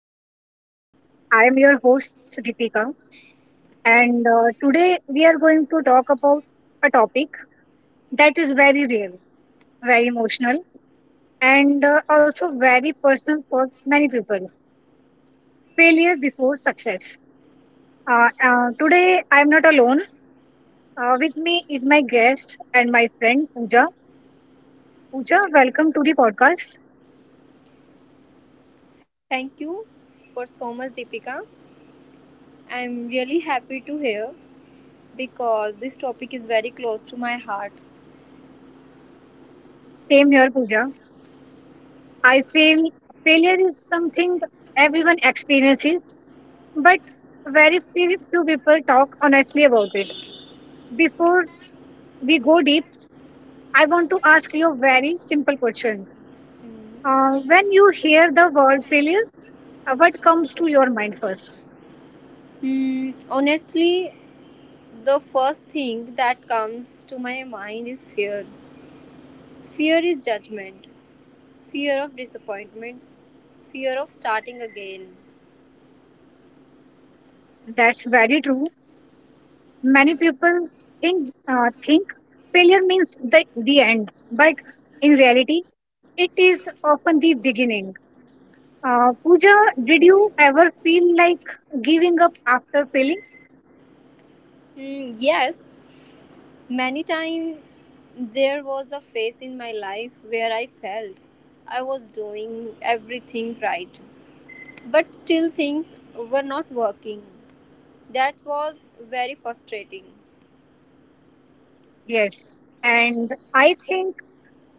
podcast. I am your host, Deepika, and today we are going to talk about a topic that is very real, very emotional, and also very personal for many people failure before success. Today, I am not alone. With me is my guest and my friend, Pooja. Pooja, welcome to the podcast. Thank you for so much, Deepika. I'm really happy to hear because this topic is very close to my heart. Same here, Pooja. I feel failure is something everyone experiences, but very few people talk honestly about it. Before we go deep, I want to ask you a very simple question. Mm. When you hear the word failure, what comes to your mind first? Honestly, the first thing that comes to my mind is fear. Fear is judgment, fear of disappointments, fear of starting again. That's very true. Many people think failure means the end, but in reality, it is often the beginning. Pooja, did you ever feel like giving up after failing? Hmm, yes, many times there was a phase in my life where I felt I was doing everything right, but still, things were not working. That was very frustrating. Yes, and I think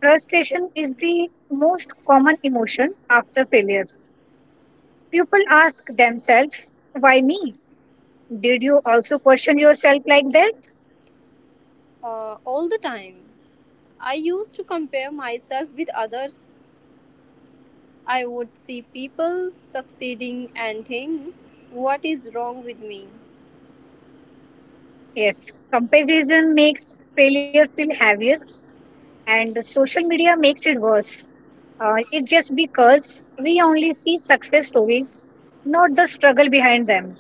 frustration is the most common emotion after failure. People ask themselves, why me? Did you also question yourself like that? All the time, I used to compare myself with others. I would see people succeeding and think, what is wrong with me? Yes, comparison makes failure feel heavier, and social media makes it worse. It's just because we only see success stories, not the struggle behind them.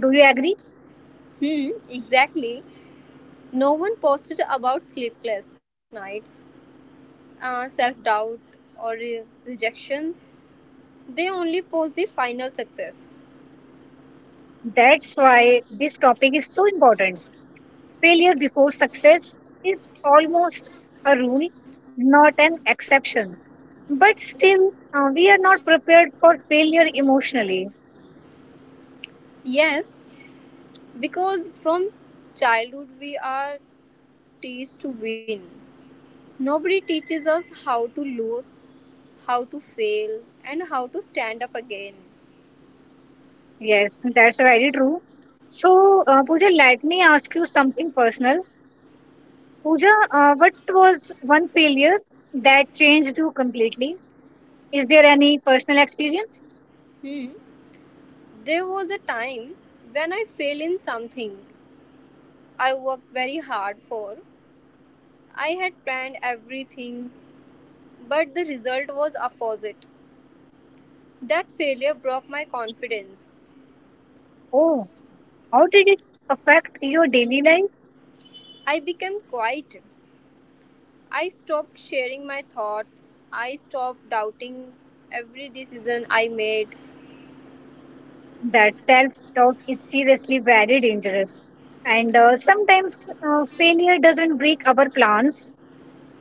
Do you agree? Hmm, exactly. No one posted about sleepless nights, self doubt, or rejections. They only post the final success. That's why this topic is so important. Failure before success is almost a rule, not an exception. But still, we are not prepared for failure emotionally. Yes, because from childhood we are strategies to win. Nobody teaches us how to lose, how to fail, and how to stand up again. Yes, that's very true. So, Pooja, let me ask you something personal. Pooja, what was one failure that changed you completely? Is there any personal experience? Hmm. There was a time when I failed in something I worked very hard for. I had planned everything, but the result was opposite. That failure broke my confidence. Oh, how did it affect your daily life? I became quiet. I stopped sharing my thoughts. I stopped doubting every decision I made. That self-doubt is seriously very dangerous. And sometimes failure doesn't break our plans;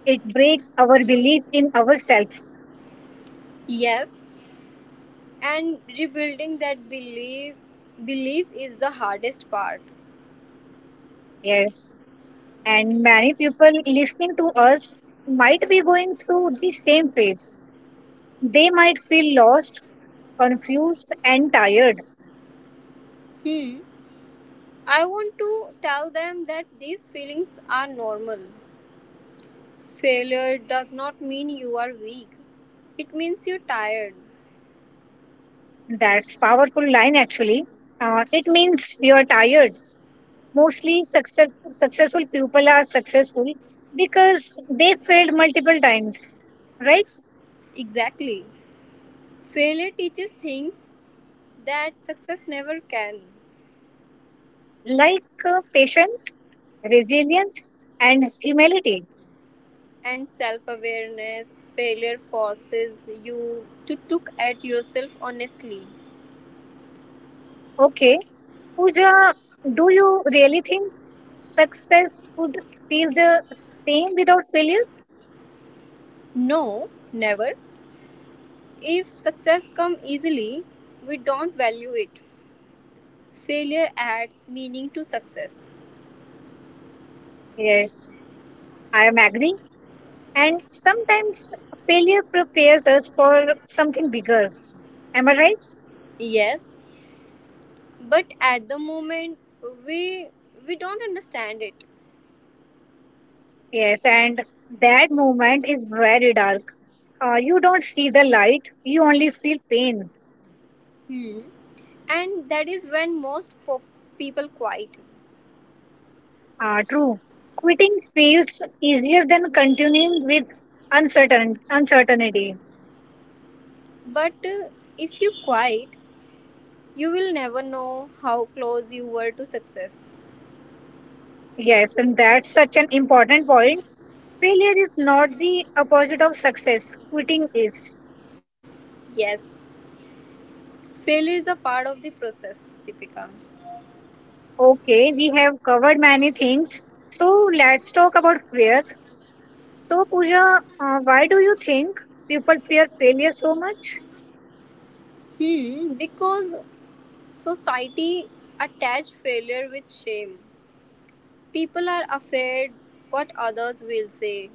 it breaks our belief in ourselves. Yes, and rebuilding that belief is the hardest part. Yes, and many people listening to us might be going through the same phase. They might feel lost, confused, and tired. Hmm. I want to tell them that these feelings are normal. Failure does not mean you are weak. It means you're tired. That's powerful line actually. It means you're tired. Mostly successful people are successful because they failed multiple times, right? Exactly. Failure teaches things that success never can. Like patience, resilience, and humility. And self awareness, failure forces you to look at yourself honestly. Okay, Pooja, do you really think success would feel the same without failure? No, never. If success comes easily, we don't value it. Failure adds meaning to success. Yes, I am agree. And sometimes failure prepares us for something bigger. Am I right? Yes, but at the moment we we don't understand it. Yes, and that moment is very dark. You don't see the light, you only feel pain. Hmm. And that is when most people quit. True. Quitting feels easier than continuing with uncertainty. But if you quit, you will never know how close you were to success. Yes, and that's such an important point. Failure is not the opposite of success. Quitting is. Yes, failure is a part of the process, Deepika. Okay, we have covered many things. So let's talk about fear. So Pooja, why do you think people fear failure so much, Because society attached failure with shame. People are afraid what others will say.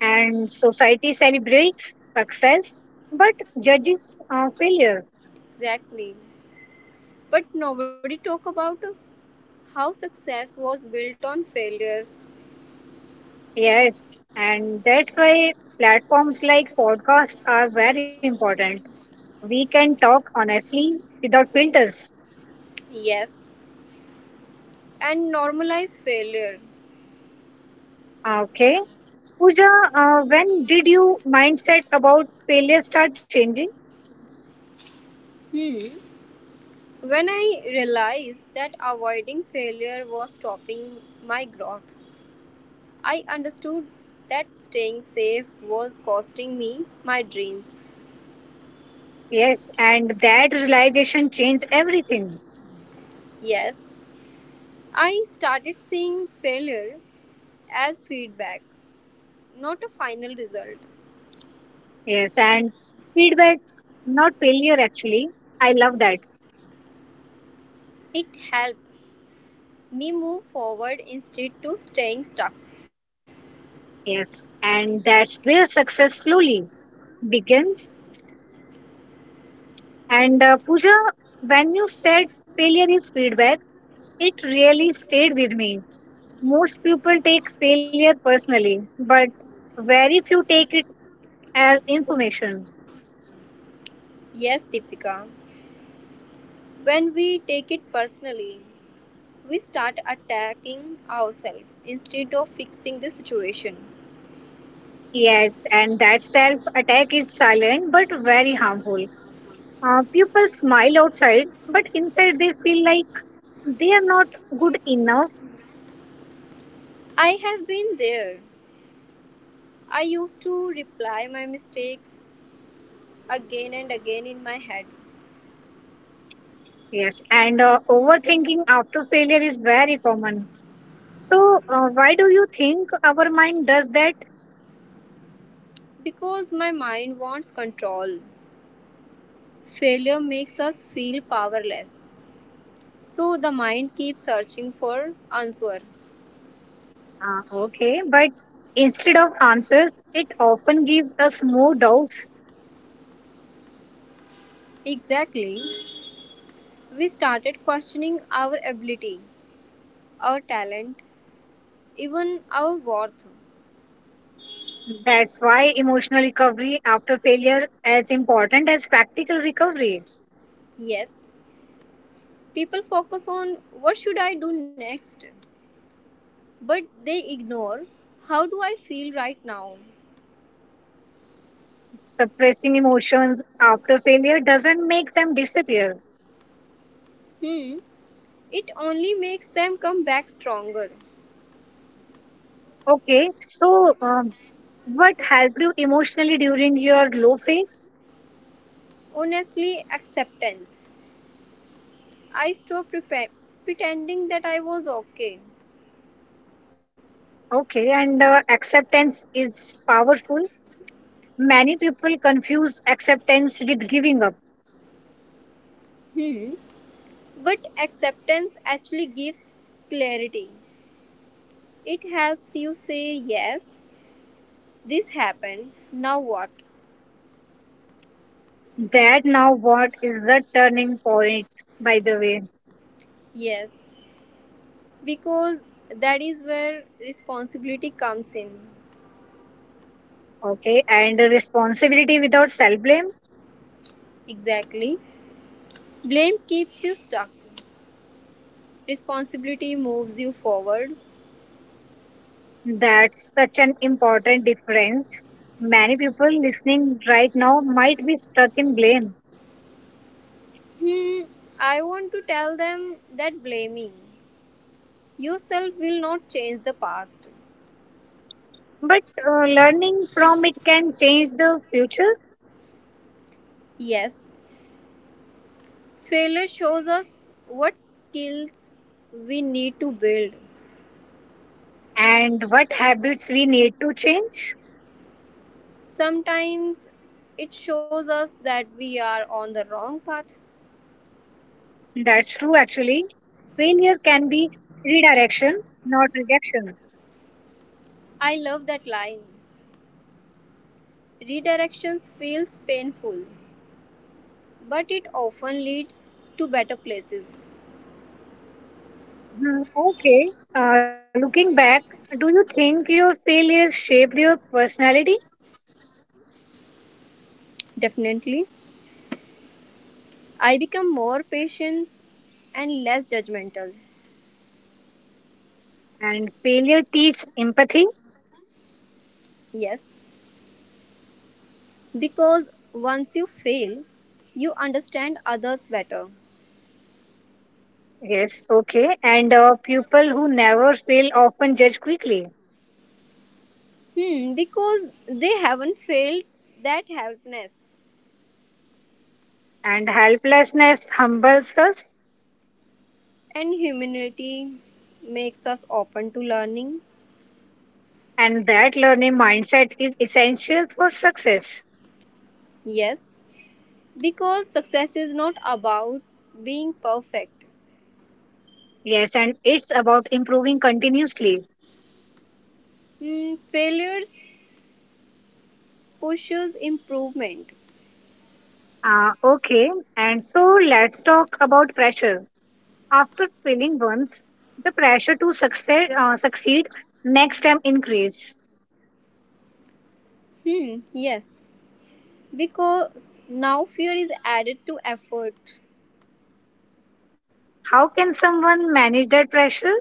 and society celebrates success but judges failure? Exactly. But nobody talk about how success was built on failures. Yes, and that's why platforms like podcasts are very important. We can talk honestly without filters. Yes, and normalize failure. Ah, okay. Pooja, when did your mindset about failure start changing? Hmm. When I realized that avoiding failure was stopping my growth, I understood that staying safe was costing me my dreams. Yes, and that realization changed everything. Yes, I started seeing failure as feedback, not a final result. Yes, and feedback, not failure actually. I love that. It helped me move forward instead of staying stuck. Yes, and that's where success slowly begins. And Pooja, when you said failure is feedback, it really stayed with me. Most people take failure personally, but very few take it as information. Yes, Deepika. When we take it personally, we start attacking ourselves instead of fixing the situation. Yes, and that self attack is silent but very harmful. People smile outside, but inside they feel like they are not good enough. I have been there. I used to reply my mistakes again and again in my head. Yes, and overthinking after failure is very common. So, why do you think our mind does that? Because my mind wants control. Failure makes us feel powerless. So the mind keeps searching for answer. Okay, but instead of answers, it often gives us more doubts. Exactly. We started questioning our ability, our talent, even our worth. That's why emotional recovery after failure is important as practical recovery. Yes, people focus on what should I do next, but they ignore how do I feel right now. Suppressing emotions after failure doesn't make them disappear. Hmm, it only makes them come back stronger. Okay, so what helped you emotionally during your low phase? Honestly, acceptance. I stopped pretending that I was okay. Okay, and acceptance is powerful. Many people confuse acceptance with giving up. Hmm, but acceptance actually gives clarity. It helps you say yes, this happened. Now what? That now what is the turning point, by the way? Yes. Because that is where responsibility comes in. Okay, and responsibility without self blame. Exactly. Blame keeps you stuck. Responsibility moves you forward. That's such an important difference. Many people listening right now might be stuck in blame, Hmm, I want to tell them that blaming yourself will not change the past. but learning from it can change the future Yes, failure shows us what skills we need to build. and what habits we need to change. Sometimes it shows us that we are on the wrong path. That's true, actually. Failure can be redirection, not rejection. I love that line. Redirections feels painful, but it often leads to better places. Hmm, okay. Looking back, do you think your failures shaped your personality Definitely. I become more patient and less judgmental. and failure teach empathy? Yes, because once you fail, you understand others better. Yes, okay. And people who never fail often judge quickly, Because they haven't failed that helpness. and helplessness humbles us, And humility makes us open to learning. and that learning mindset is essential for success. Yes, because success is not about being perfect. Yes, and it's about improving continuously. Failures pushes improvement. Okay, and so let's talk about pressure. After failing once, the pressure to succeed next time increase. Hmm, yes, because now fear is added to effort. How can someone manage that pressure?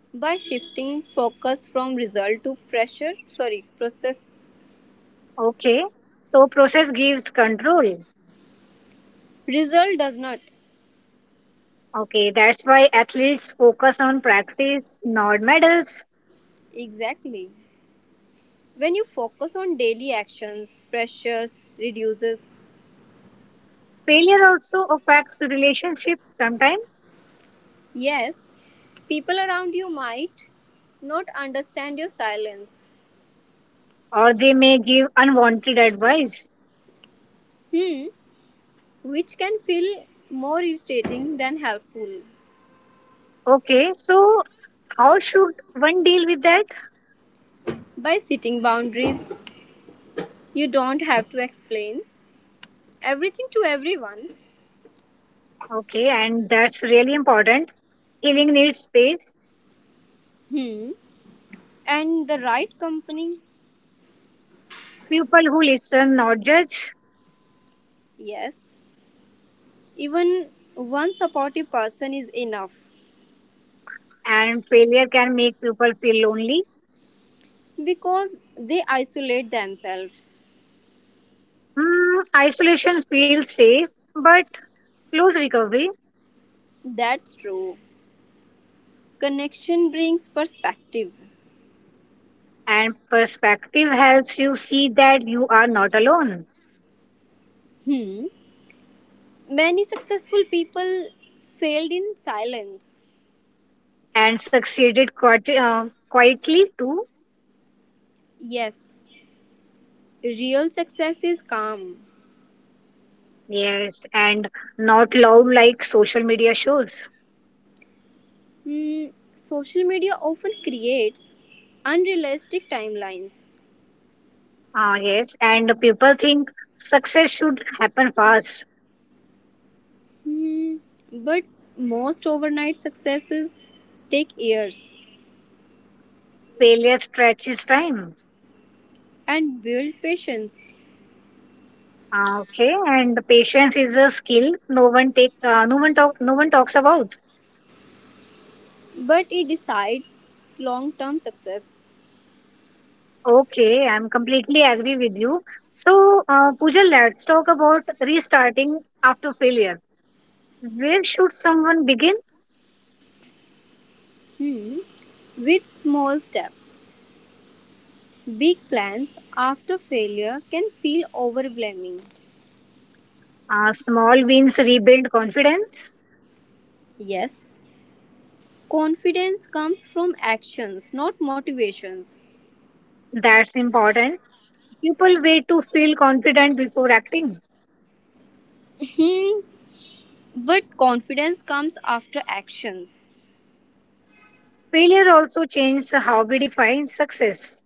By shifting focus from result to pressure. Sorry, process. Okay, so process gives control. Result does not. Okay, that's why athletes focus on practice, not medals. Exactly. When you focus on daily actions, pressures reduces. Failure also affects relationships sometimes, Yes, people around you might not understand your silence. or they may give unwanted advice. Hmm, which can feel more irritating than helpful. Okay, so how should one deal with that? By setting boundaries, you don't have to explain everything to everyone. Okay, and that's really important. Healing needs space. Hmm. And the right company? People who listen, not judge, Yes. Even one supportive person is enough. and failure can make people feel lonely. Because they isolate themselves. Mm, isolation feels safe, but slows recovery. That's true. Connection brings perspective. And perspective helps you see that you are not alone Hmm. Many successful people failed in silence. and succeeded quietly too. Yes. Real success is calm. Yes, and not loud like social media shows. Hmm, Social media often creates unrealistic timelines. Ah, yes, and people think success should happen fast. Hmm, but most overnight successes take years Failure stretches time. and build patience. Ah, okay, and patience is a skill no one talks about. But it decides long term success. Okay, I'm completely agree with you. So, Pooja, let's talk about restarting after failure. Where should someone begin? Hmm, with small steps. Big plans after failure can feel overwhelming. Small wins rebuild confidence. Yes, confidence comes from actions, not motivations. That's important. People wait to feel confident before acting. Hmm, But confidence comes after actions. Failure also changes how we define success.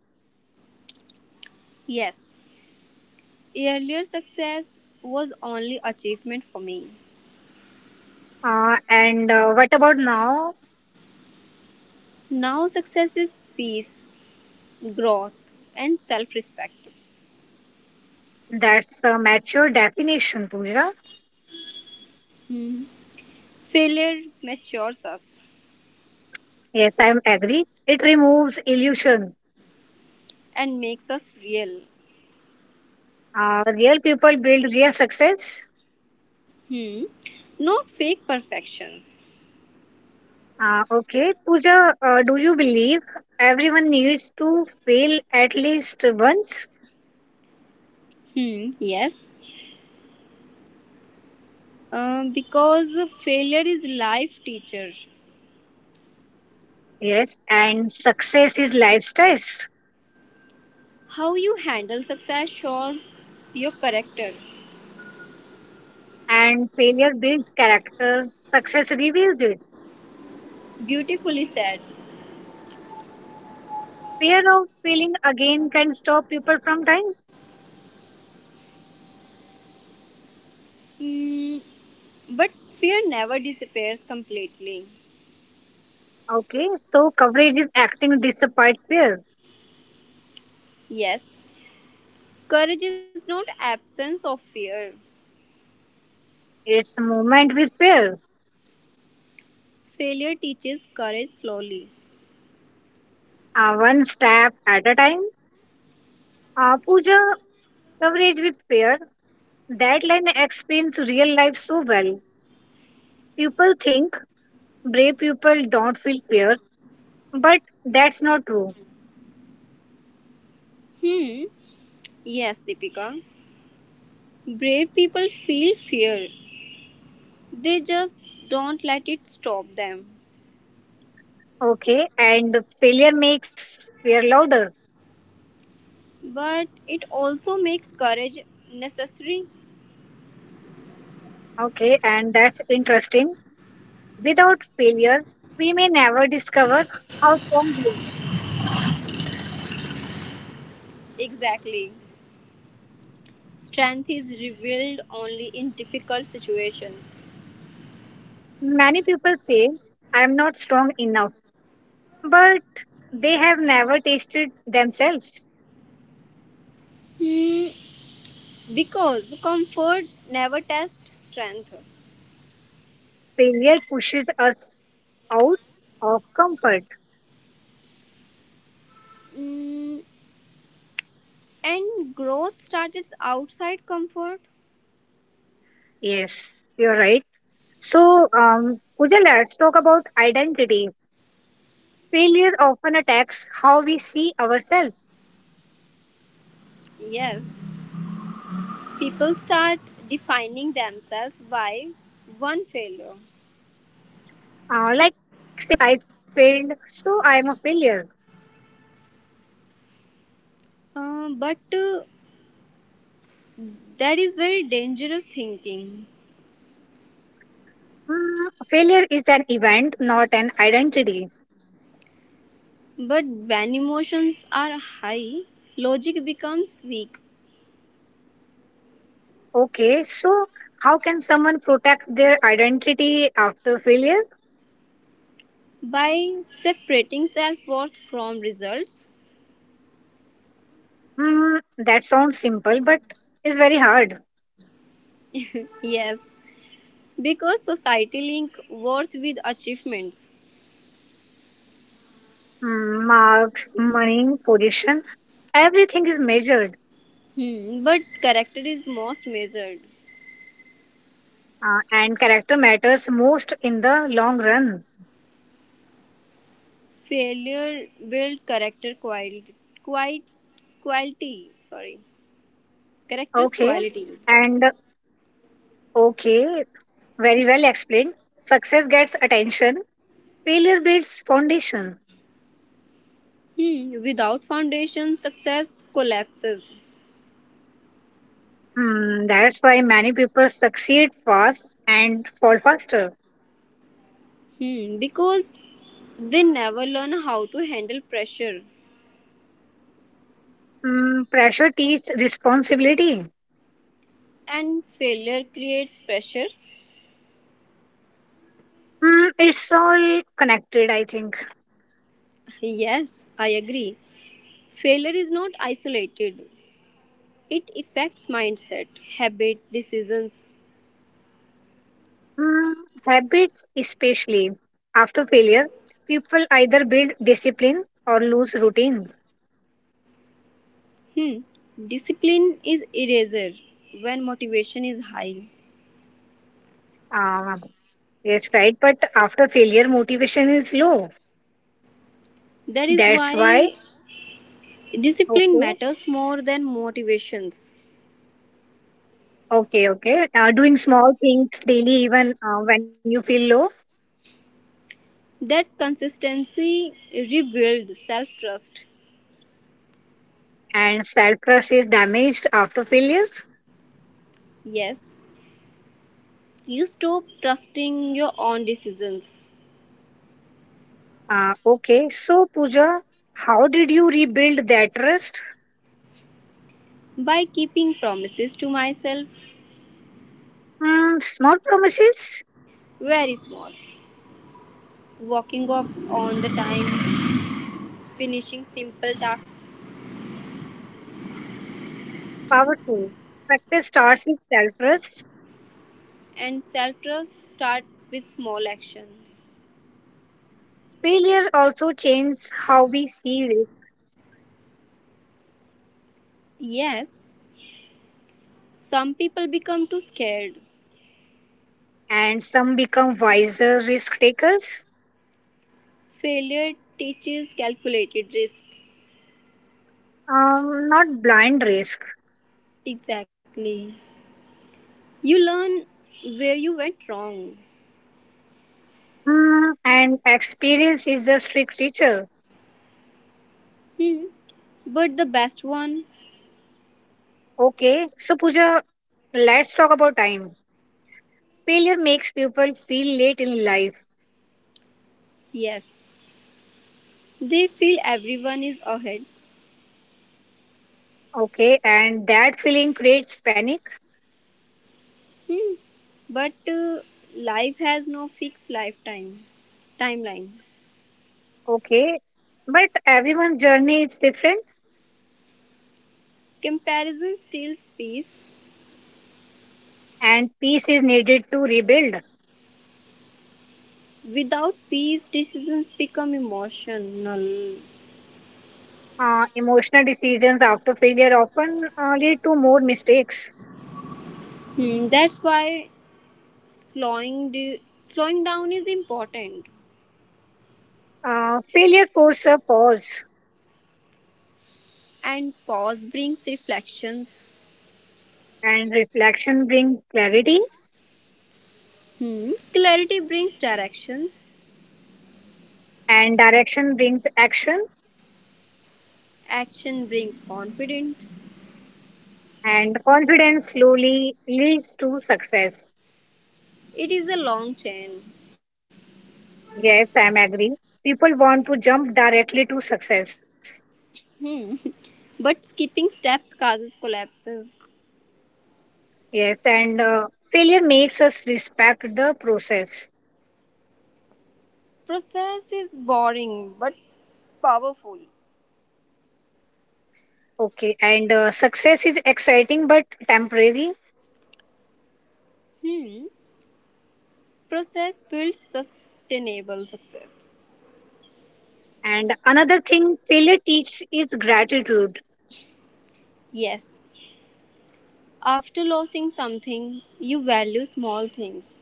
Yes, earlier success was only achievement for me. And What about now? Now success is peace, growth, and self respect. That's a mature definition, Pooja. Failure matures us Yes, I'm agree. It removes illusion. and makes us real. Real people build real success. Hmm. Not fake perfections. Okay, Pooja, do you believe everyone needs to fail at least once? Hmm. Yes. Because failure is life teacher. Yes, and success is life stress, How you handle success shows your character. and failure builds character. Success reveals it. Beautifully said. Fear of failing again can stop people from trying. Hmm. But fear never disappears completely. Okay, so coverage is acting despite fear. Yes, courage is not absence of fear. It's movement with fear, Failure teaches courage slowly. One step at a time. Puja, coverage with fear. That line explains real life so well. People think brave people don't feel fear, but that's not true. Hmm, yes, Deepika. Brave people feel fear. They just don't let it stop them. Okay, and failure makes fear louder. But it also makes courage necessary. Okay, and that's interesting. Without failure, we may never discover how strong we Exactly. Strength is revealed only in difficult situations. are. Many people say, I am not strong enough, but they have never tasted themselves. Hmm, because comfort never tests strength. Failure pushes us out of comfort. Mm, And growth starts outside comfort. Yes, you're right. So, Pooja, let's talk about identity. Failure often attacks how we see ourselves, Yes, people start defining themselves by one failure. Like saying, I failed, so I am a failure. But that is very dangerous thinking. Mm, failure is an event, not an identity. But when emotions are high, logic becomes weak. Okay, so how can someone protect their identity after failure? By separating self worth from results. Hmm, that sounds simple, but it's very hard. Yes, because society link worth with achievements. Mm, marks, money, position, everything is measured, But character is most measured. And character matters most in the long run. Failure build character quality, quite quality, sorry, character's Okay, quality. and okay, very well explained. Success gets attention, failure builds foundation. Hmm. Without foundation success collapses. Mm, that's why many people succeed fast and fall faster. Hmm. Because they never learn how to handle pressure. Mm, pressure teaches responsibility. And failure creates pressure. Mm, it's all connected, I think. Yes, I agree. Failure is not isolated. It affects mindset, habit decisions. Mm, habits, especially after failure, people either build discipline or lose routine. Hmm. Discipline is eraser when motivation is high. Uh, yes, right. But after failure, motivation is low. That is That's why why. discipline Okay. matters more than motivations. Okay. Doing small things daily, even when you feel low, That consistency rebuilds self trust. and self trust is damaged after failure. Yes, you stop trusting your own decisions. Okay, so Pooja, how did you rebuild that trust? By keeping promises to myself. Hmm, small promises? Very small, walking up on the time, finishing simple tasks, That's powerful. Success starts with self trust. and self trust start with small actions. Failure also changes how we see risk, Yes, some people become too scared. and some become wiser risk takers, Failure teaches calculated risk. Not blind risk. Exactly. You learn where you went wrong. Hmm, and experience is the strict teacher. Hmm. But the best one, Okay, so Pooja, let's talk about time. Failure makes people feel late in life. yes, they feel everyone is ahead. Okay, and that feeling creates panic. Hmm. But life has no fixed lifetime timeline. Okay, but everyone's journey is different, Comparison steals peace. and peace is needed to rebuild. Without peace, decisions become emotional. Emotional decisions after failure often lead to more mistakes. That's why slowing down is important, Failure forces a pause, and pause brings reflections. and reflection brings clarity, Hmm. Clarity brings directions, and direction brings action, action brings confidence. and confidence slowly leads to success. It is a long chain. Yes, I'm agree. People want to jump directly to success. Hmm. But skipping steps causes collapses. Yes, and failure makes us respect the process. Process is boring but powerful. Okay, and success is exciting but temporary. Hmm. Process builds sustainable success. And another thing failure teaches is gratitude. Yes. After losing something, you value small things.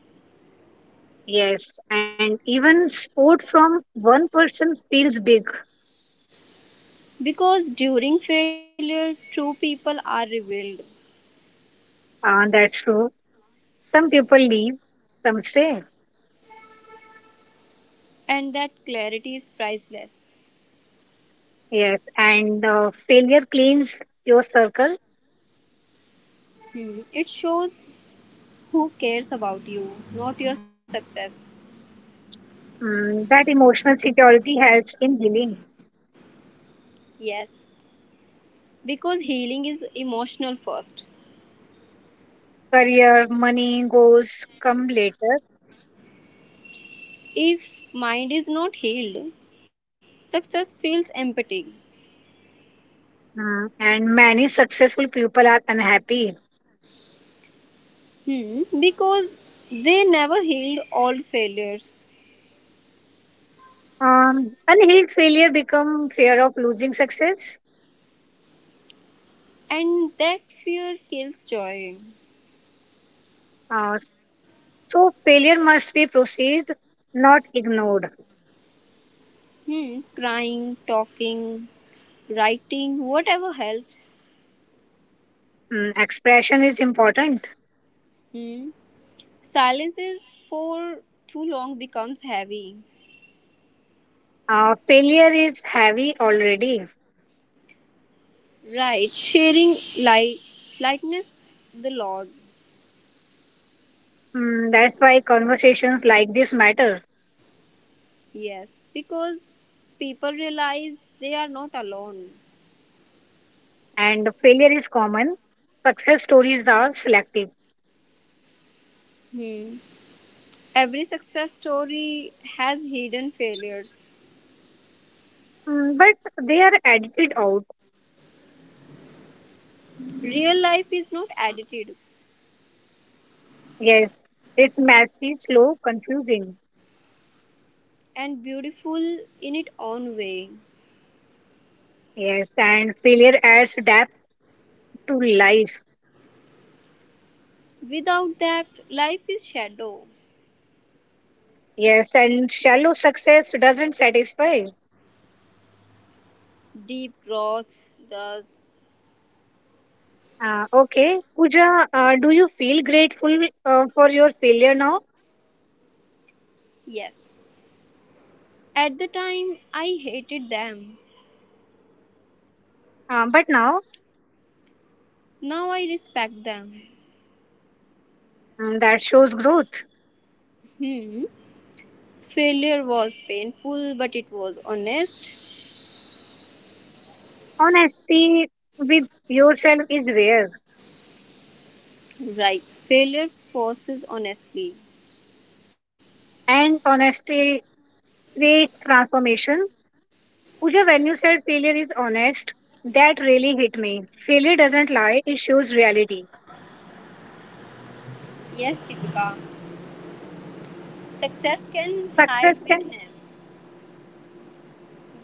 Yes, and even support from one person feels big. Because during failure, true people are revealed. That's true. Some people leave, some stay. And that clarity is priceless. Yes, and failure cleans your circle. Hmm. It shows who cares about you, not your success. Mm, that emotional security helps in healing. Yes, because healing is emotional first. Career, money, goals come later. If mind is not healed, success feels empty. Mm, and many successful people are unhappy. Because they never healed all failures, Unhealed failure become fear of losing success. and that fear kills joy. So failure must be perceived, not ignored. Crying, talking, writing, whatever helps. Mm, expression is important. Hmm, Silences for too long becomes heavy. Failure is heavy already. Right, sharing light, lightness the Lord. Mm, that's why conversations like this matter. Yes, because people realize they are not alone. And failure is common. Success stories are selective. Hmm. Every success story has hidden failures. Mm, but they are edited out. Real life is not edited Yes, it's messy, slow, confusing. and beautiful in its own way. Yes, and failure adds depth to life. Without that, life is shadow. Yes, and shallow success doesn't satisfy. Deep growth does. Okay, Pooja, do you feel grateful for your failure now? Yes. At the time, I hated them. But now, Now I respect them. mm, that shows growth. Hmm. Failure was painful, but it was honest. Honesty with yourself is rare, Right. Failure forces honesty. and honesty creates transformation. Pooja, when you said failure is honest, that really hit me. Failure doesn't lie, it shows reality. Yes, Deepika. Success can Success hide can, weakness,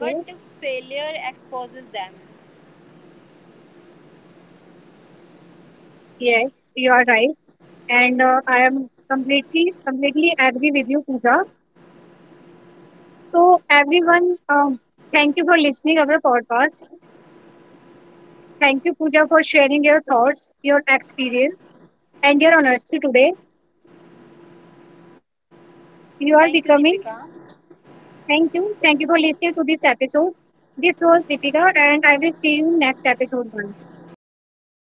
but failure exposes them. yes, you are right. And I am completely agree with you, Pooja. So, everyone, thank you for listening our podcast. Thank you, Pooja, for sharing your thoughts, your experience, and your honesty today. Thank you, You are becoming. Deepika. Thank you. Thank you for listening to this episode. This was Deepika, and I will see you next episode. One.